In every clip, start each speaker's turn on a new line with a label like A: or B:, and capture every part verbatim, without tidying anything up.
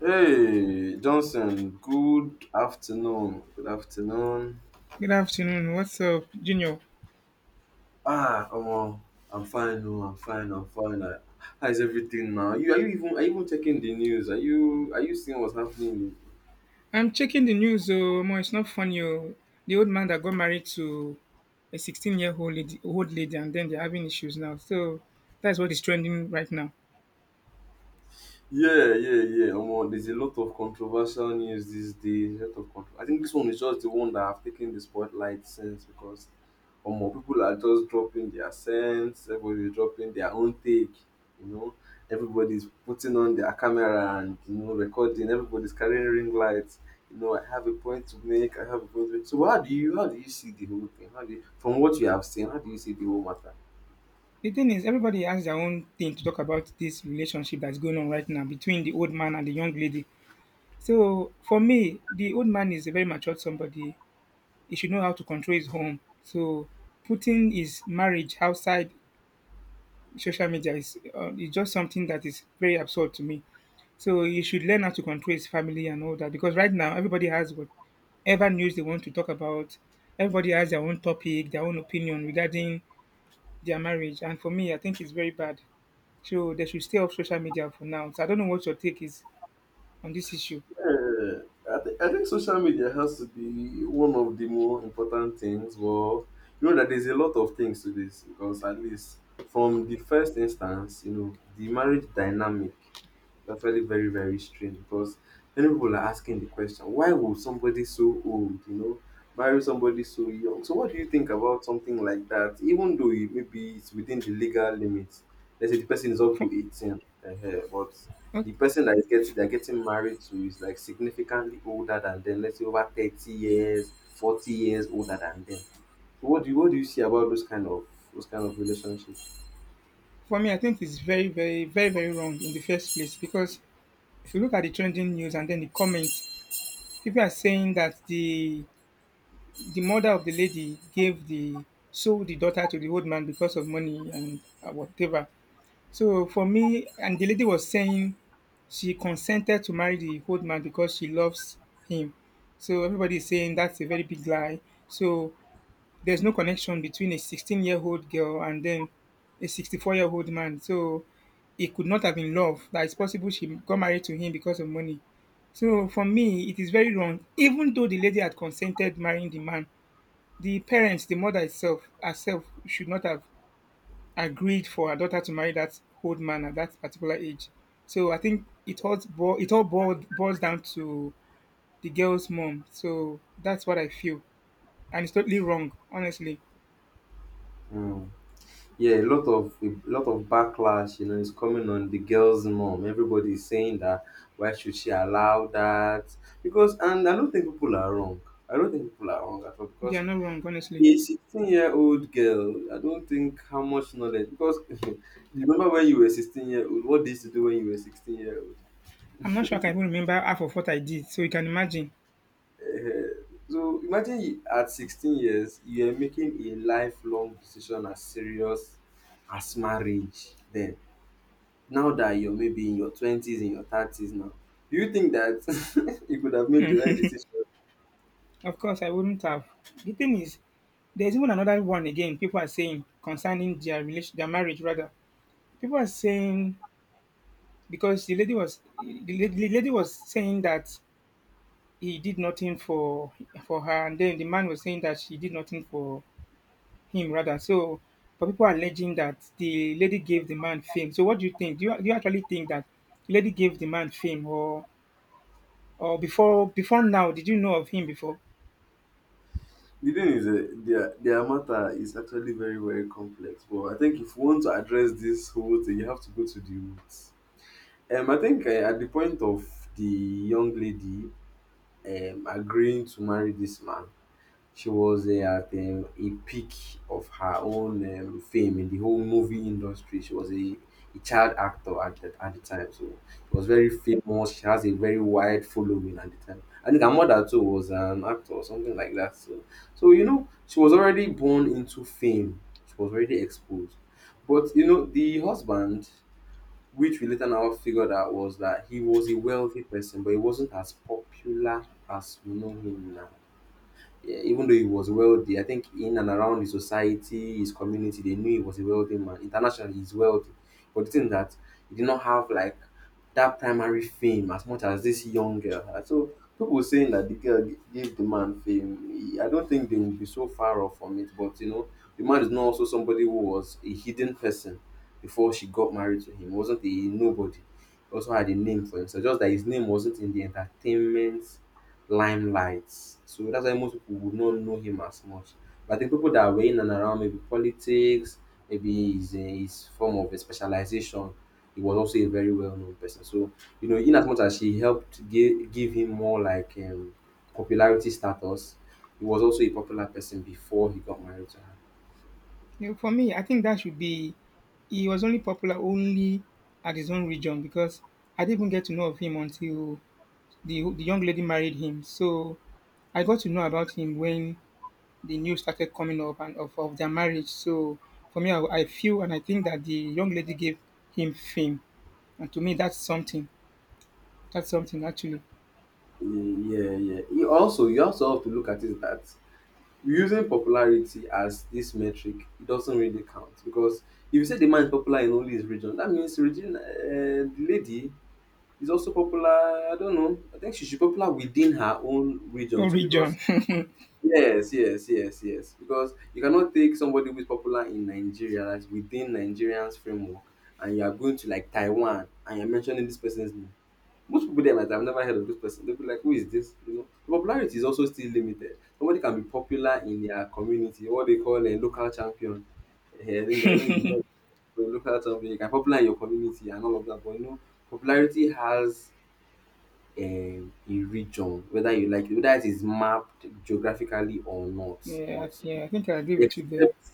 A: Hey, Johnson, good afternoon. Good afternoon.
B: Good afternoon. What's up, Junior?
A: Ah, omo, I'm fine. Oh, I'm fine. I'm fine. I, how is everything now? You are you even Are you even checking the news? Are you are you seeing what's happening?
B: I'm checking the news. Oh, Omo, it's not funny. Oh, the old man that got married to a sixteen-year-old lady, old lady, and then they're having issues now. So that's what is trending right now.
A: Yeah, yeah, yeah. Omo, there's a lot of controversial news these days. A lot of contro- I think this one is just the one that have taken the spotlight since, because omo, people are just dropping their sense, everybody's dropping their own take, you know. Everybody's putting on their camera and you know, recording, everybody's carrying ring lights. You know, I have a point to make, I have a point to make. So how do you how do you see the whole thing? How do you, from what you have seen, how do you see the whole matter?
B: The thing is, everybody has their own thing to talk about this relationship that's going on right now between the old man and the young lady. So for me, the old man is a very matured somebody. He should know how to control his home. So putting his marriage outside social media is uh, is just something that is very absurd to me. So he should learn how to control his family and all that because right now everybody has whatever news they want to talk about. Everybody has their own topic, their own opinion regarding their marriage. And for me, I think it's very bad. So they should stay off social media for now. So I don't know what your take is on this issue.
A: Yeah, I, th- I think social media has to be one of the more important things. Well, you know that there's a lot of things to this, because at least from the first instance, you know, the marriage dynamic is actually very, very strange, because many people are asking the question, why will somebody so old, you know, marry somebody so young? So what do you think about something like that? Even though it, maybe it's within the legal limits, let's say the person is up to
B: For,
A: eighteen, uh, but
B: uh,
A: the person that is getting they're getting married to is like significantly older than them. Let's say over thirty years, forty years older than them. So what do you what do you see about those kind of those kind of relationships?
B: for me, I think it's very, very, very, very wrong in the first place because if you look at the trending news and then the comments, people are saying that the the mother of the lady gave the sold the daughter to the old man because of money and uh, whatever. So for me, and the lady was saying she consented to marry the old man because she loves him. So everybody is saying that's a very big lie. So there's no connection between a sixteen-year-old girl and then a sixty-four-year-old man. So it could not have been love. That it's possible she got married to him because of money. So for me, it is very wrong. Even though the lady had consented marrying the man, the parents, the mother itself, herself should not have agreed for her daughter to marry that old man at that particular age. So I think it all bo- it all boiled, boils down to the girl's mom. So that's what I feel, and it's totally wrong. Honestly,
A: Mm. yeah a lot of a lot of backlash, you know, is coming on the girl's mom. Everybody is saying that, why should she allow that? Because, and I don't think people are wrong. I don't think people are wrong at all,
B: they are
A: because
B: not wrong. Honestly,
A: a sixteen year old girl, I don't think how much knowledge, because you remember when you were sixteen year old, what did you used to do when you were sixteen year old?
B: I'm not sure I can even remember half of what I did. So you can imagine.
A: uh, so imagine you, at sixteen years you are making a lifelong decision as serious as marriage. Then now that you're maybe in your twenties, in your thirties now, do you think that you could have made the right decision?
B: Of course, I wouldn't have. The thing is, there's even another one again. People are saying concerning their relation, their marriage rather. People are saying because the lady was the la- the lady was saying that he did nothing for for her, and then the man was saying that she did nothing for him rather. So, but people are alleging that the lady gave the man fame. So, what do you think? Do you, do you actually think that the lady gave the man fame, or or before before now, did you know of him before?
A: The thing is, uh, their their matter is actually very, very complex, but I think if you want to address this whole thing, you have to go to the roots. Um, I think uh, at the point of the young lady um, agreeing to marry this man, she was uh, at um, a peak of her own um, fame in the whole movie industry. She was a, a child actor at the, at the time, so she was very famous. She has a very wide following at the time. I think her mother too was an actor or something like that. So, so you know, she was already born into fame. She was already exposed. But you know, the husband, which we later now figured out, was that he was a wealthy person, but he wasn't as popular as we know him now. Eh, even though he was wealthy, I think in and around his society, his community, they knew he was a wealthy man. Internationally, he's wealthy. But the thing that he did not have like that primary fame as much as this young girl had. So people saying that the girl gi- gave the man fame, I don't think they will be so far off from it. But you know, the man is not also somebody who was a hidden person before she got married to him. He wasn't a nobody. He also had a name for himself. Just that his name wasn't in the entertainment limelight. So that's why most people would not know him as much. But I think people that were in and around maybe politics, maybe his, uh, his form of a specialization, he was also a very well known person. So, you know, in as much as she helped give, give him more like um, popularity status, he was also a popular person before he got married to her.
B: You know, for me, I think that should be he was only popular only at his own region because I didn't even get to know of him until the the young lady married him. So I got to know about him when the news started coming up and of, of their marriage. So for me, I, I feel and I think that the young lady gave him fame, and to me, that's something. That's something actually.
A: Yeah, yeah. You also, you also have to look at is that using popularity as this metric, it doesn't really count, because if you say the man is popular in only his region, that means regina, uh, the lady is also popular. I don't know, I think she should be popular within her own region
B: Oh,
A: too,
B: region.
A: because yes, yes, yes, yes, because you cannot take somebody who is popular in Nigeria, that's within Nigerians framework, and you are going to like Taiwan and you're mentioning this person's name. Most people there might have never heard of this person. They'll be like, who is this? You know, the popularity is also still limited. Somebody can be popular in their community, what they call a local champion. Eh, I think I don't even heard of a local champion. You can be popular in your community and all of that, but you know, popularity has a region, whether you like it, whether it is mapped geographically or not.
B: Yeah,
A: But
B: yeah. I think I agree with you there.
A: except,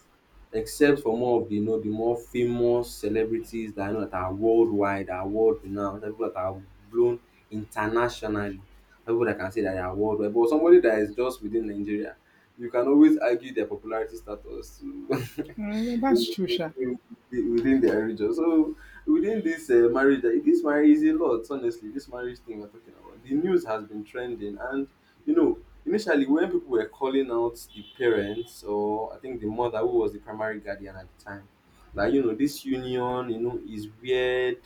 A: except for more of the, you know, the more famous celebrities that I know that are worldwide, are world renowned, people that are blown internationally, people that can say that they are worldwide. But somebody that is just within Nigeria, you can always argue their popularity status to
B: Uh, well, that's
A: in-
B: true, Sha.
A: in- in- within their region. So within this uh, marriage, that- this marriage is a lot. Honestly, this marriage thing we're talking about, the news has been trending, and you know initially, when people were calling out the parents, or I think the mother who was the primary guardian at the time, that you know this union, you know, is weird.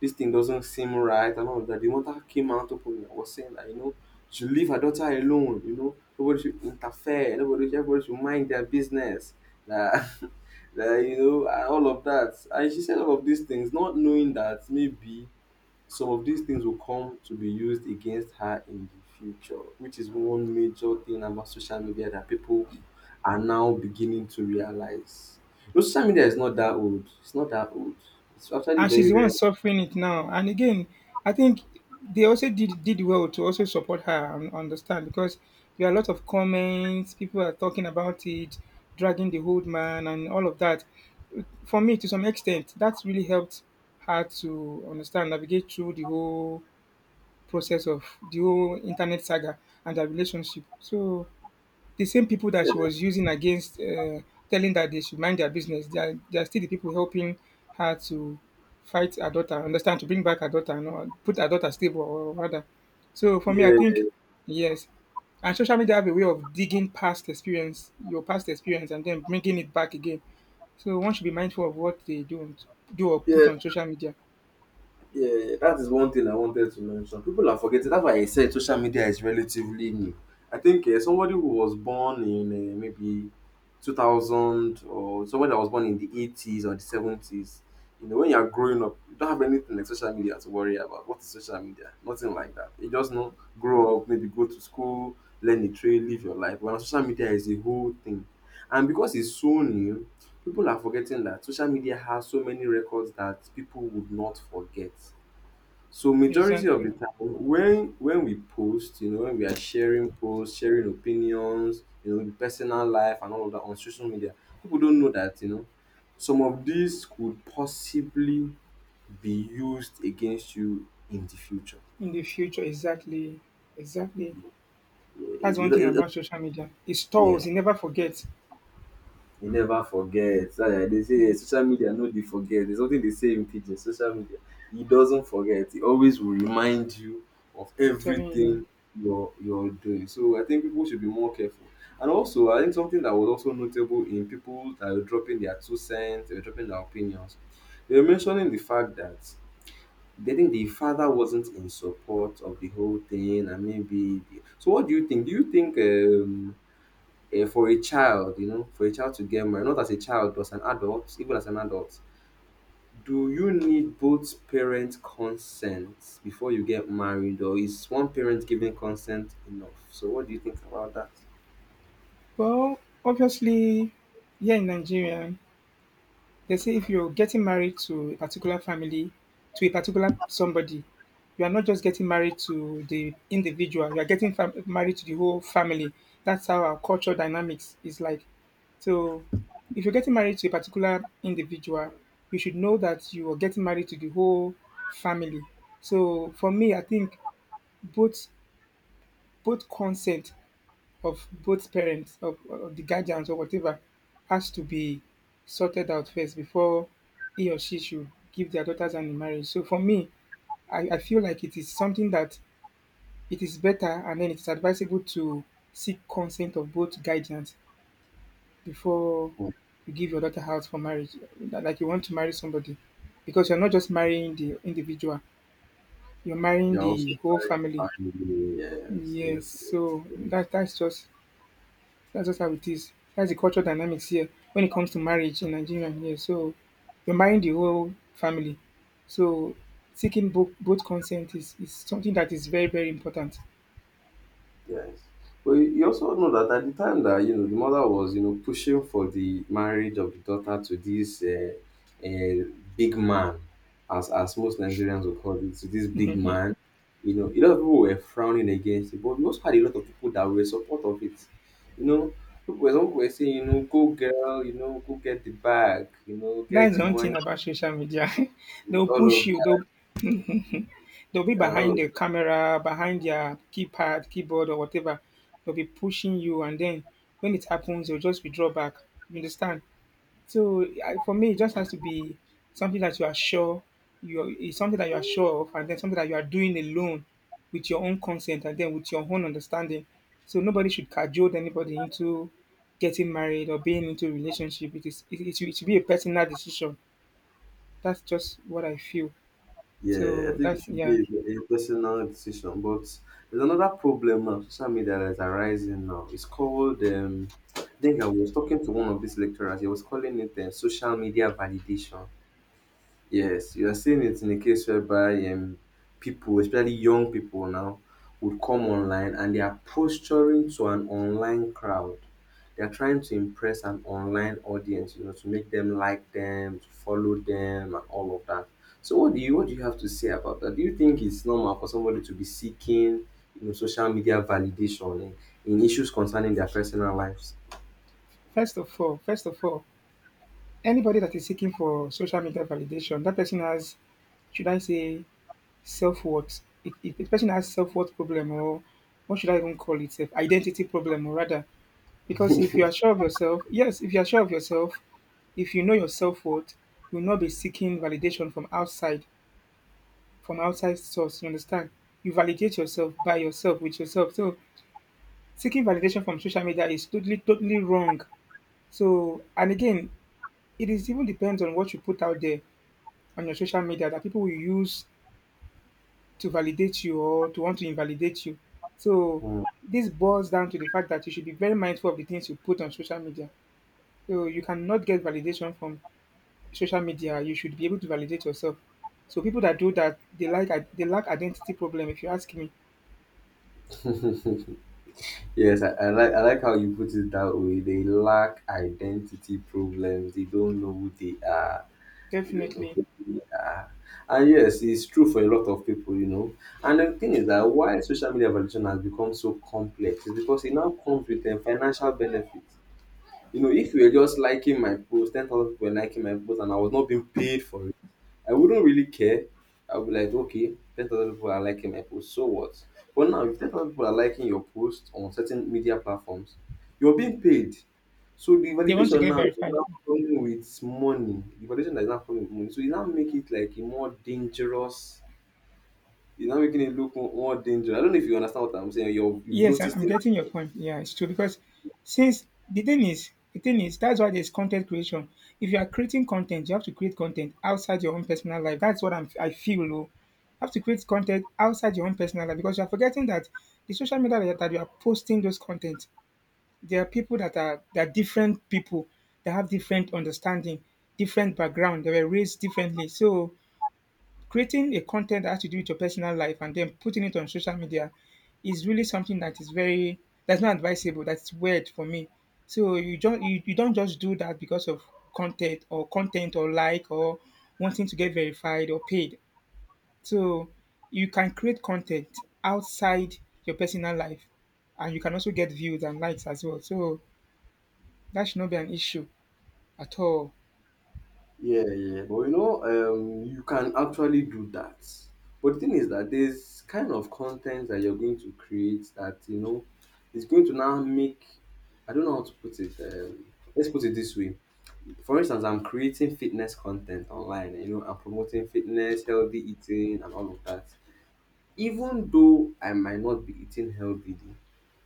A: This thing doesn't seem right, and all of that. The mother came out openly and was saying that, you know, to leave her daughter alone. You know, nobody should interfere. Nobody, should, everybody should mind their business. That, that, you know, and all of that. And she said all of these things, not knowing that maybe some of these things will come to be used against her in the future, which is one major thing about social media that people are now beginning to realize. No, social media is not that old. It's not that old. It's actually
B: And she's
A: very,
B: the one
A: very.
B: suffering it now. And again, I think they also did did well to also support her and understand because there are a lot of comments, people are talking about it, dragging the old man and all of that. For me, to some extent, that's really helped her to understand, navigate through the whole process of the whole internet saga and their relationship. So the same people that she was using against uh, telling that they should mind their business, they are, they are still the people helping her to fight her daughter, understand, to bring back her daughter, you know, put her daughter stable, or rather. So for me, I
A: Yeah,
B: think, yes. And social media have a way of digging past experience, your past experience, and then bringing it back again. So one should be mindful of what they don't do or put
A: yeah.
B: on social media.
A: Yeah, that is one thing I wanted to mention. People are forgetting. That's why I said social media is relatively new. I think uh, somebody who was born in uh, maybe two thousand, or somebody that was born in the eighties or the seventies, you know, when you're growing up, you don't have anything like social media to worry about. What is social media? Nothing like that. You just know, grow up, maybe go to school, learn a trade, live your life. But social media is a whole thing. And because it's so new, people are forgetting that social media has so many records that people would not forget. So majority of
B: Exactly.
A: the time, when when we post, you know, when we are sharing posts, sharing opinions, you know, the personal life and all of that on social media, people don't know that, you know, some of these could possibly be used against you in the future.
B: In the future, exactly. Exactly.
A: Yeah,
B: That's one
A: you
B: thing
A: it- it-
B: about social media. It
A: yeah.
B: stores, it never forgets.
A: You never forget. So like they say, yeah, social media no dey forget. There's something they say in pidgin, social media. It doesn't forget. It always will remind you of
B: I'm telling you.
A: everything you're you're doing. So I think people should be more careful. And also, I think something that was also notable in people that were dropping their two cents, they were dropping their opinions. They were mentioning the fact that they think the father wasn't in support of the whole thing, and maybe. So, what do you think? Do you think um, eh, for a child, you know, for a child to get married, not as a child, but as an adult, even as an adult, do you need both parents' consent before you get married, or is one parent giving consent enough? So, what do you think about that?
B: Well, obviously, here in Nigeria, they say if you're getting married to a particular family, to a particular somebody, you are not just getting married to the individual, you are getting fam- married to the whole family. That's how our cultural dynamics is like. So, if you're getting married to a particular individual, you should know that you are getting married to the whole family. So, for me, I think both both consent of both parents of, of the guardians or whatever has to be sorted out first before he or she should give their daughters hand in marriage. So for me, I, I feel like it is something that it is better and then it's advisable to seek consent of both guardians before
A: Hmm.
B: you give your daughter out for marriage. Li- Like you want to marry somebody. Because you're not just marrying the individual, you're marrying
A: You're also
B: the whole family.
A: married. Yes,
B: Yes,
A: yes,
B: so
A: yes.
B: that that's just That's just how it is. That's the cultural dynamics here when it comes to marriage in Nigeria. Yeah, so you're marrying the whole family. So seeking both both consent is, is something that is very, very important.
A: Yes. Well, you you also know that at the time that, you know, the mother was, you know, pushing for the marriage of the daughter to this uh, uh, big man, as as most Nigerians would call it, to this big man, you know, a lot of people were frowning against it, but we also had a lot of people that were support of it. You know, people were, some were saying, you know, go girl, you know, go get the bag, you know,
B: That
A: get
B: is
A: the
B: one
A: money,
B: thing about social media. They'll
A: all
B: push
A: of
B: you, they'll they'll be
A: all
B: behind
A: of
B: the camera, behind their keypad, keyboard or whatever. They'll be pushing you and then when it happens, you'll just withdraw back. You understand? So I, for me, it just has to be something that you are sure you it's something that you are sure of, and then something that you are doing alone with your own consent, and then with your own understanding. So nobody should cajole anybody into getting married or being into a relationship. It is it, it, should- it should be a personal decision. That's just what I feel.
A: Yeah, I
B: So
A: think it
B: that's
A: should be
B: yeah.
A: a, a personal decision. But there's another problem now, social media that is arising now. It's called, um, I think I was talking to one of these lecturers, he was calling it uh, social media validation. Yes, you are seeing it in a case whereby um, people, especially young people now, would come online and they are posturing to an online crowd. They are trying to impress an online audience, you know, to make them like them, to follow them, and all of that. So, what do you what do you have to say about that? Do you think it's normal for somebody to be seeking, you know, social media validation in, in issues concerning their personal lives?
B: First of all, first of all, anybody that is seeking for social media validation, that person has should I say Self-worth. If, if a person has self-worth problem or what should I even call it? Self identity problem or rather. Because if you are sure of yourself, yes, if you are sure of yourself, if you know your self-worth, you will not be seeking validation from outside, from outside source, you understand? You validate yourself by yourself, with yourself. So seeking validation from social media is totally, totally wrong. So, and again, it is even depends on what you put out there on your social media that people will use to validate you or to want to invalidate you. So
A: Mm.
B: this boils down to the fact that you should be very mindful of the things you put on social media. So you cannot get validation from social media. You should be able to validate yourself. So people that do that, they like they lack identity problem. If you ask me,
A: Yes, I, I like I like how you put it that way. They lack identity problems. They don't know who they are. They don't know
B: definitely
A: who they are. And yes, it's true for a lot of people, you know. And the thing is that why social media evaluation has become so complex is because it now comes with a financial benefit. You know, if you were just liking my post, ten thousand people were liking my post, and I was not being paid for I wouldn't really care. I'll be like, okay, ten thousand people are liking my post, so what? But now, if ten thousand people are liking your post on certain media platforms, you're being paid. So the
B: they want to
A: validation
B: get
A: now is
B: verified.
A: now coming with money. The validation that is now coming with money. So you now make it like a more dangerous. You're now making it look mo- more dangerous. I don't know if you understand what I'm saying. You've, you've
B: Yes, I'm
A: noticed
B: I'm getting your point. Yeah, it's true because since the thing is, the thing is that's why there's content creation. If you are creating content, you have to create content outside your own personal life. That's what I'm I feel. Oh. You have to create content outside your own personal life because you are forgetting that the social media that, that you are posting those content, there are people that are that are different people that have different understanding, different background. They were raised differently, so creating a content that has to do with your personal life and then putting it on social media is really something that is very that's not advisable. That's weird for me. So you don't you, you don't just do that because of content or content or like or wanting to get verified or paid. So you can create content outside your personal life and you can also get views and likes as well. So that should not be an issue at all.
A: Yeah, yeah. yeah. But you know, um, you can actually do that. But the thing is that there's kind of content that you're going to create that you know is going to now make. I don't know how to put it. Um, let's put it this way. For instance, I'm creating fitness content online. You know, I'm promoting fitness, healthy eating, and all of that. Even though I might not be eating healthily,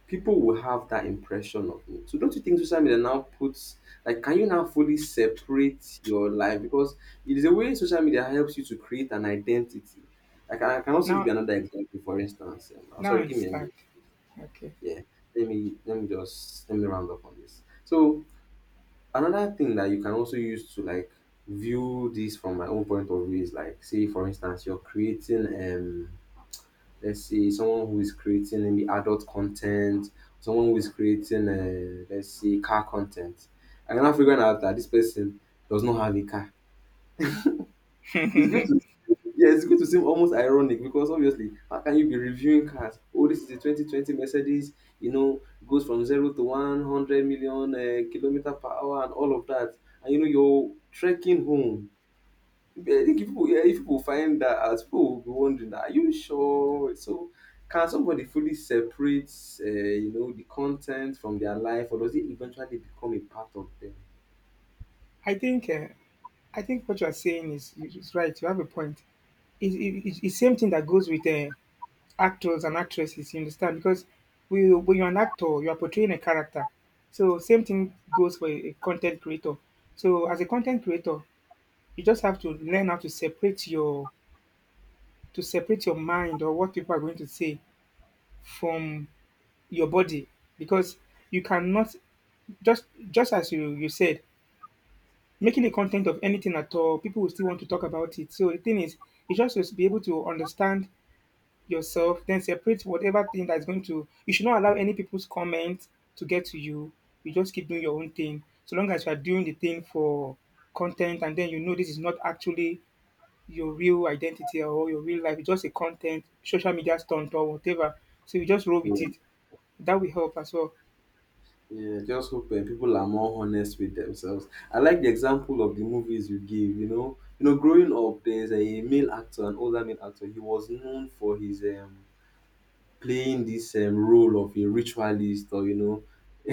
A: people will have that impression of me. So don't you think social media now puts like can you now fully separate your life? Because it is a way social media helps you to create an identity. I can, I can also give
B: Now
A: you another example, for instance. Um, I'm
B: now I
A: sorry, give me a
B: understand.
A: minute.
B: Okay.
A: Yeah. Let me let me just let me round up on this. So another thing that you can also use to like view this from my own point of view is like say for instance you're creating um let's say someone who is creating maybe adult content, someone who is creating uh, let's say car content, and I'm now figuring out that this person does not have a car. It's going to yeah, it's going to seem almost ironic because obviously, how can you be reviewing cars? Oh, this is the twenty twenty Mercedes, you know, goes from zero to one hundred million uh, kilometer per hour and all of that. And you know, you're trekking home yeah, I think if people, yeah, if people find that out, people will be wondering, are you sure? So, can somebody fully separate, uh, you know, the content from their life, or does it eventually become a part of them?
B: I think uh, I think what you are saying is, is right. You have a point. It's, it's, it's same thing that goes with uh, actors and actresses. You understand? Because we, when you're an actor, you are portraying a character. So same thing goes for a, a content creator. So as a content creator, you just have to learn how to separate your to separate your mind or what people are going to say from your body because you cannot just just as you you said making a content of anything at all, people will still want to talk about it. So the thing is, you just must be able to understand yourself, then separate whatever thing that's going to. You should not allow any people's comment to get to you. You just keep doing your own thing. So long as you are doing the thing for content, and then you know this is not actually your real identity or your real life. It's just a content, social media stunt or whatever. So you just roll
A: Yeah.
B: with it. That will help as well.
A: Yeah, just hope uh, people are more honest with themselves. I like the example of the movies you give. You know, you know, growing up, there's a male actor, an older male actor. He was known for his um playing this um, role of a ritualist or you know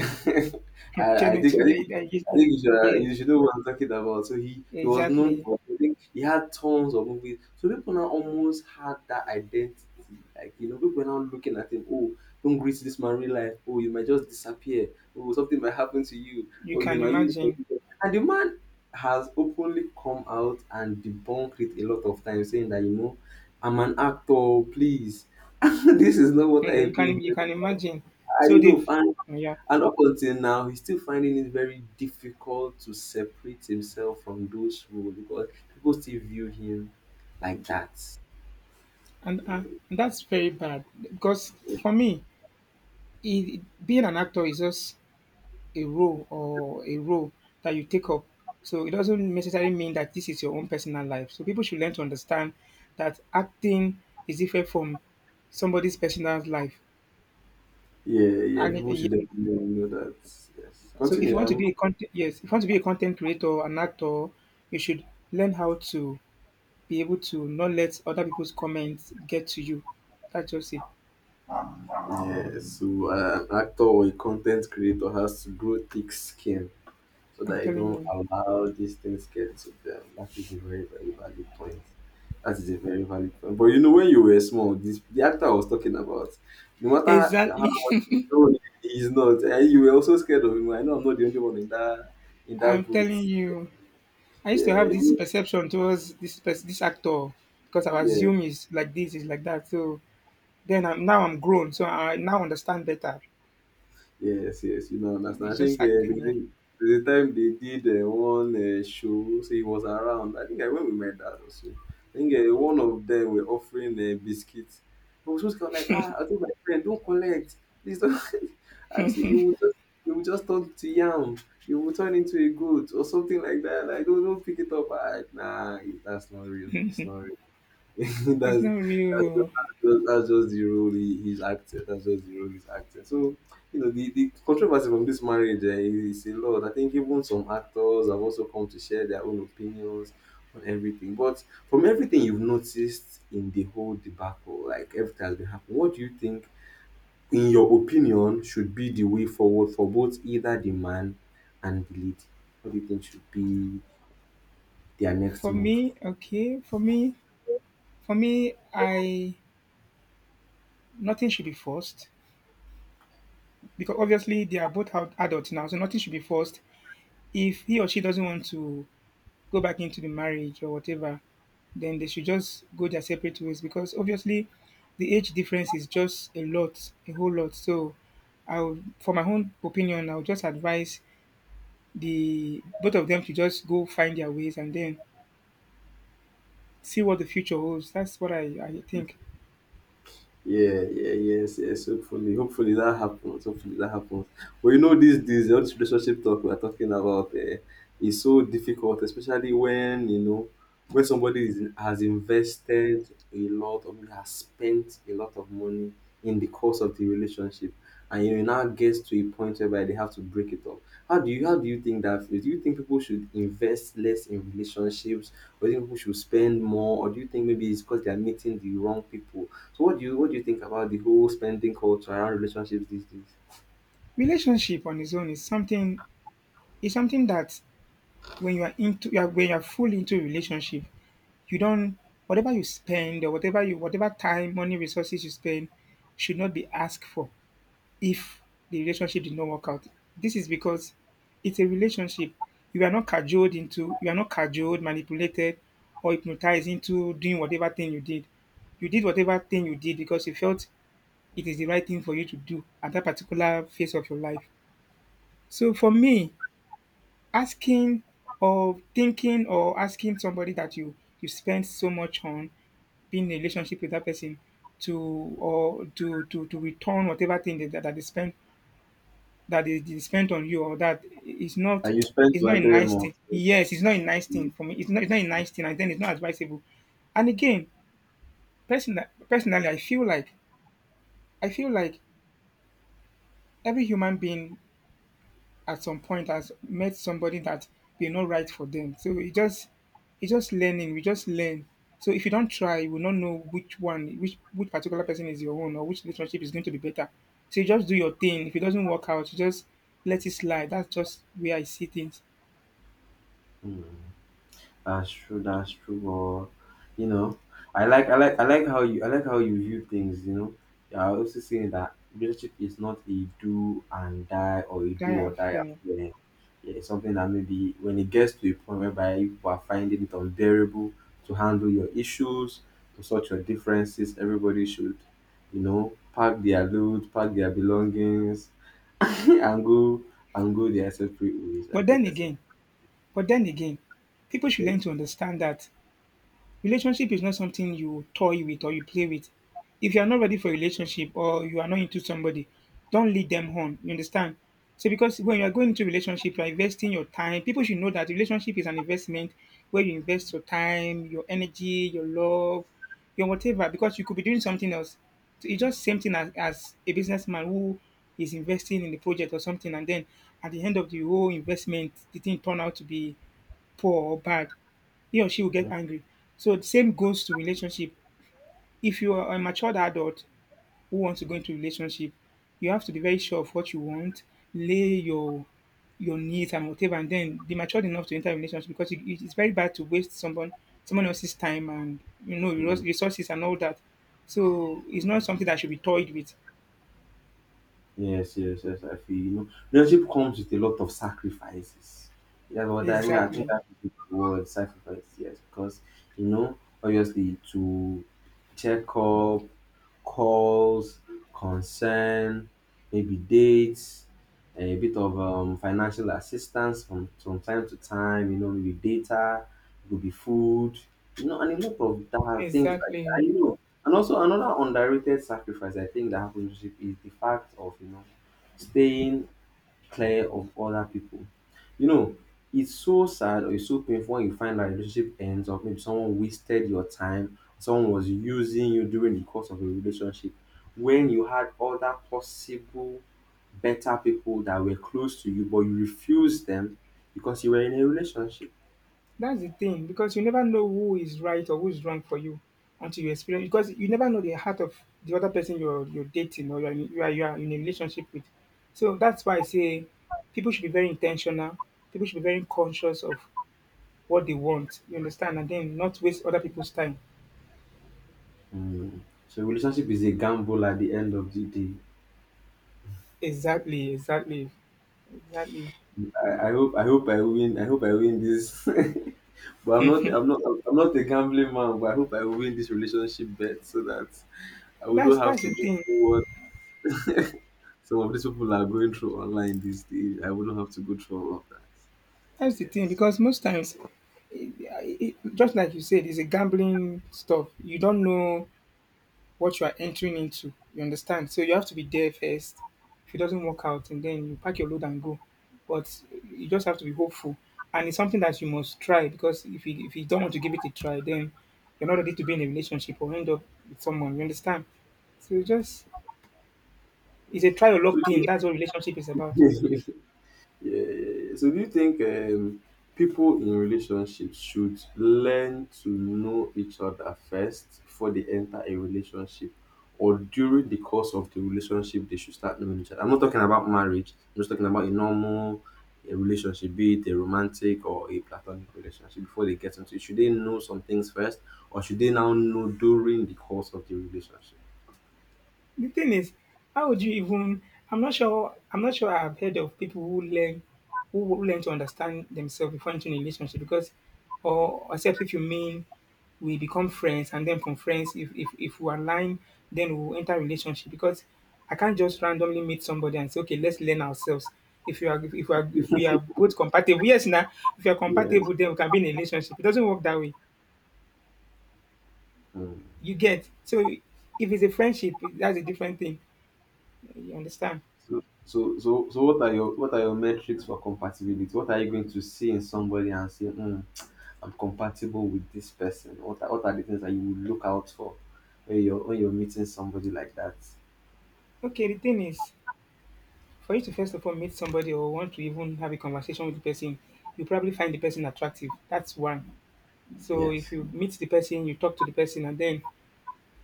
A: I, I think
B: Kenneth,
A: I
B: yeah,
A: think
B: yeah,
A: I
B: yeah.
A: think you should, uh,
B: Yes,
A: you should know what I'm talking about. So he, he was known
B: exactly.
A: for I think he had tons of movies. So people now almost had that identity. Like you know, people were now looking at him, oh, don't greet this man real life, oh you might just disappear, oh something might happen to you,
B: You
A: oh you
B: can
A: might use
B: imagine.
A: and the man has openly come out and debunked it a lot of times saying that you know I'm an actor, please. this is not what
B: Yeah,
A: I
B: you
A: do.
B: can
A: In
B: you
A: real-
B: can imagine.
A: I
B: So
A: you
B: they've
A: know, and,
B: yeah,
A: and up until now, he's still finding it very difficult to separate himself from those roles because people still view him like that.
B: and uh, And that's very bad because for me, it, being an actor is just a role or a role that you take up. So it doesn't necessarily mean that this is your own personal life. So people should learn to understand that acting is different from somebody's personal life.
A: Yeah, yeah,
B: And it,
A: people
B: yeah.
A: should definitely know that. Yes,
B: So if you
A: continue.
B: want to
A: I'm,
B: be a content yes, if you want to be a content creator, an actor, you should learn how to be able to not let other people's comments get to you. That's just it.
A: yeah, so uh, an actor or a content creator has to grow thick skin so
B: I'm
A: that you
B: telling
A: don't
B: you.
A: allow these things get to them. That is a very, very valid point. That is a very valid point. But you know, when you were small, this the actor I was talking about, no matter how
B: Exactly.
A: old he is not, and you were also scared of him. I know I'm not the only one in that in that
B: I'm
A: boat.
B: telling you. I used to
A: Yeah,
B: have this
A: even-
B: perception towards this pers- this actor because I
A: yeah.
B: assume he's like this, he's like that. So then I'm, now I'm grown, so I now understand better.
A: Yes, yes, you know, not understand. I
B: He's
A: think
B: just acting. Yeah,
A: uh, there's a time they did uh, one uh, show, so he was around. I think I went with my dad also. I think uh, one of them were offering uh, biscuits. I was just kind of like, ah, I told my friend, don't collect, please don't. I've seen you will just you will just turn to yam, you will turn into a goat or something like that. Like, don't, don't pick it up. I, nah, that's not real. It's not real.
B: it's
A: that's
B: not
A: that's just,
B: real.
A: that's just that's just the role he, he's acted. That's just the role he's acted. So you know the, the controversy from this marriage eh, is a lot. I think even some actors have also come to share their own opinions on everything. But from everything you've noticed in the whole debacle, like everything has been happening, what do you think, in your opinion, should be the way forward for both either the man and the lady? What do you think should be their next
B: For
A: move?
B: me, okay. For me, for me, I, nothing should be forced because obviously they are both out adults now, so nothing should be forced. If he or she doesn't want to go back into the marriage or whatever, then they should just go their separate ways because obviously the age difference is just a lot, a whole lot. So I will, for my own opinion, I would just advise the both of them to just go find their ways and then see what the future holds. That's what I, I think.
A: Yeah, yeah, yes, yes. Hopefully, hopefully that happens. Hopefully that happens. But you know, these days, all this relationship talk we're talking about uh, is so difficult, especially when you know when somebody is, has invested a lot or maybe has spent a lot of money in the course of the relationship, and you now gets to a point whereby they have to break it up. How do you how do you think that feels? Do you think people should invest less in relationships? Or do you think people should spend more? Or do you think maybe it's because they are meeting the wrong people? So what do you what do you think about the whole spending culture around relationships these days?
B: Relationship on its own is something is something that when you are into you are, when you are fully into a relationship, you don't whatever you spend or whatever you whatever time, money, resources you spend should not be asked for if the relationship did not work out. This is because it's a relationship. You are not cajoled into, you are not cajoled, manipulated, or hypnotized into doing whatever thing you did. You did whatever thing you did because you felt it is the right thing for you to do at that particular phase of your life. So for me, asking or thinking or asking somebody that you you spend so much on being in a relationship with that person to or to to to return whatever thing that, that they spend that is they, spent on you or that it's not
A: And you spend
B: it's not
A: on
B: a
A: them
B: nice
A: more.
B: thing. Yes, it's not a nice thing for me. It's not it's not a nice thing, and then it's not advisable. And again, person personally, I feel like I feel like every human being at some point has met somebody that they're not right for them. So it just it's just learning. We just learn. So if you don't try, you will not know which one, which which particular person is your own, or which relationship is going to be better. So you just do your thing. If it doesn't work out, you just let it slide. That's just where I see things.
A: That's true. That's true. Or you know, I like I like I like how you I like how you view things. You know, yeah. I also saying that relationship is not a do and die or a do or
B: That
A: die
B: uh,
A: affair. Yeah, it's something that maybe when it gets to a point whereby you are finding it unbearable to handle your issues, to sort your differences, everybody should, you know, pack their loot, pack their belongings, and go and go their separate ways.
B: but
A: And go
B: then
A: their separate.
B: again, but then again, people should
A: Okay.
B: learn to understand that relationship is not something you toy with or you play with. If you are not ready for a relationship or you are not into somebody, don't lead them on. You understand? So because when you are going into relationship, you are investing your time. People should know that relationship is an investment where you invest your time, your energy, your love, your whatever, because you could be doing something else. So it's just same thing as, as a businessman who is investing in the project or something, and then at the end of the whole investment, the thing turn out to be poor or bad, he or she will get angry. So the same goes to relationship. If you are a matured adult who wants to go into relationship, you have to be very sure of what you want, lay your your needs and whatever, and then be matured enough to enter a relationship because it, it's very bad to waste someone someone else's time and you know resource-
A: Mhm.
B: resources and all that. So it's not something that should be toyed with.
A: Yes, yes, yes, I feel you know Leadership comes with a lot of sacrifices. That's what I mean. I think
B: Exactly.
A: that's the word sacrifice, yes, because you know, obviously to checkup, calls, concern, maybe dates, a bit of um, financial assistance from, from time to time, you know, maybe data, it could be food, you know, and a lot of that, things like that. I
B: Exactly.
A: know. And also another underrated sacrifice I think that happens is the fact of, you know, staying clear of other people. You know, it's so sad or it's so painful when you find that relationship ends or maybe someone wasted your time, someone was using you during the course of a relationship when you had other possible better people that were close to you, but you refused them because you were in a relationship.
B: That's the thing, because you never know who is right or who is wrong for you until you experience. Because you never know the heart of the other person you're you're dating, or you're in, you are you are in a relationship with. So that's why I say people should be very intentional. People should be very conscious of what they want. You understand, and then not waste other people's time.
A: Hmm. So relationship is a gamble at the end of the day.
B: Exactly, exactly, exactly.
A: I, I hope I hope I win I hope I win this but I'm not I'm not I'm not a gambling man but I hope I win this relationship bet so that I wouldn't
B: That's
A: have
B: that's
A: to
B: the
A: go
B: thing.
A: through what some of these people are going through online these days. I wouldn't have to go through all of that.
B: That's the thing
A: Yes.
B: because most times, it, it, just like you said, it's a gambling stuff. You don't know what you are entering into. You understand? So you have to be there first. If it doesn't work out, and then you pack your load and go. But you just have to be hopeful, and it's something that you must try because if you if you don't want to give it a try, then you're not ready to be in a relationship or end up with someone. You understand? So just it's a
A: yes.
B: try or luck thing. That's what relationship is
A: So,
B: about.
A: Yeah, yeah, yeah. So do you think um, people in relationships should learn to know each other first before they enter a relationship? Or during the course of the relationship, they should start knowing each other? I'm not talking about marriage. I'm just talking about a normal a relationship, be it a romantic or a platonic relationship, before they get into it. Should they know some things first? Or should they now know during the course of the relationship?
B: The thing is, how would you even? I'm not sure. I'm not sure. I've heard of people who learn, who who learn to understand themselves before entering a relationship. Because, or except if you mean we become friends, and then from friends, if if, if we align, then we'll enter a relationship. Because I can't just randomly meet somebody and say, okay, let's learn ourselves. If you are, if, if we are, If we are both compatible, yes, now if you are
A: Yeah.
B: compatible, then we can be in a relationship. It doesn't work that way.
A: Mm.
B: You get so if it's a friendship, that's a different thing. You understand?
A: So so so so what are your what are your metrics for compatibility? What are you going to see in somebody and say, hmm, I'm compatible with this person? What are, what are the things that you would look out for when you're when you're meeting somebody like that?
B: Okay, the thing is, for you to first of all meet somebody or want to even have a conversation with the person, you probably find the person attractive. That's one. So if
A: Yes.
B: you meet the person, you talk to the person, and then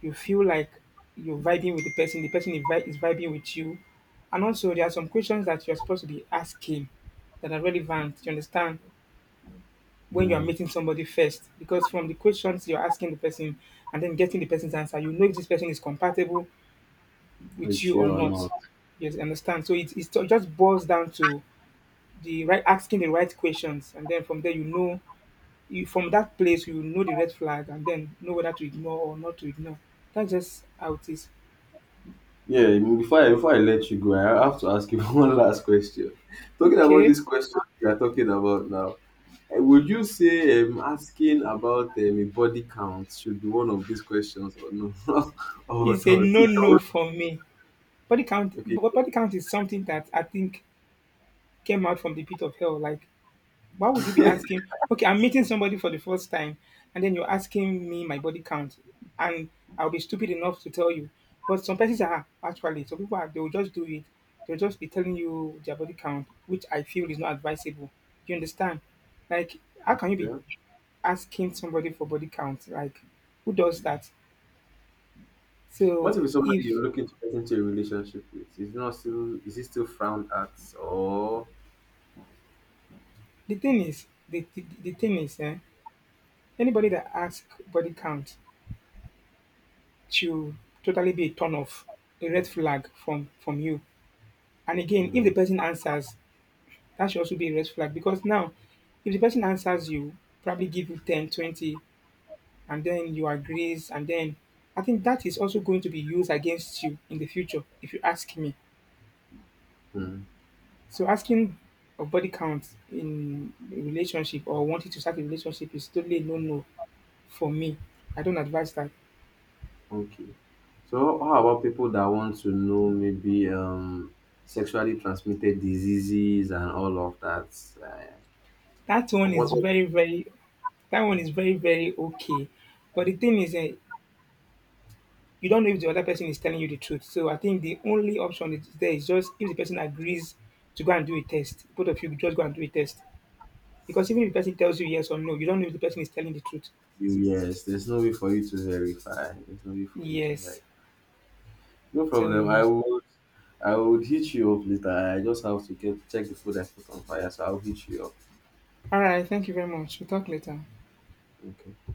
B: you feel like you're vibing with the person, the person is vi- is vibing with you. And also, there are some questions that you're supposed to be asking that are relevant, you understand, when you are
A: Hmm.
B: meeting somebody first. Because from the questions you're asking the person and then getting the person's answer, you know if this person is compatible with
A: With
B: you or
A: you or
B: not.
A: not.
B: Yes, understand. So it, it just boils down to the right asking the right questions, and then from there you know you from that place you know the red flag, and then know whether to ignore or not to ignore. That's just how it is.
A: Yeah, I mean, before I before I let you go, I have to ask you one last question. Talking about
B: Okay,
A: this question we are talking about now, eh, would you say um, asking about um, a body count should be one of these questions or no or
B: it's a
A: not?
B: no
A: In your
B: no
A: own-
B: for me. Body count,
A: okay,
B: bo- body count is something that I think came out from the pit of hell. Like, why would you be asking? Okay, I'm meeting somebody for the first time, and then you're asking me my body count, and I'll be stupid enough to tell you. But some persons are actually some people are, they will just do it. They'll just be telling you their body count, which I feel is not advisable. You understand? Like, how can you be
A: Yeah.
B: asking somebody for body count? Like, who does that?
A: What
B: So
A: if it's somebody
B: if
A: you're looking to get into a relationship with? Is not still is it still frowned at or
B: the thing is, the the, the thing is, eh, anybody that asks body count should totally be a turn off, a red flag from from you. And again, if the
A: Hmm,
B: person answers, that should also be a red flag because now, if the person answers you, probably give you ten, twenty, and then you agrees, and then I think that is also going to be used against you in the future, if you ask me.
A: hmm,
B: So asking of body count in a relationship or wanting to start a relationship is totally no no for me. I don't advise that.
A: okay. So how about people that want to know maybe um sexually transmitted diseases and all of that? Uh,
B: That one
A: what
B: is
A: what
B: very, very That one is very, very okay. But the thing is, eh, you don't know if the other person is telling you the truth. So I think the only option is there is just if the person agrees to go and do a test, both of you just go and do a test. Because even if the person tells you yes or no, you don't know if the person is telling the truth.
A: you yes, there's no way for you to verify. There's no way for you to verify.
B: Yes.
A: No
B: So you
A: problem. I
B: must.
A: would I would hit you up later. I just have to get check the food I put on fire, so I'll hit you up.
B: All right. Thank you very much. We'll talk later.
A: Okay.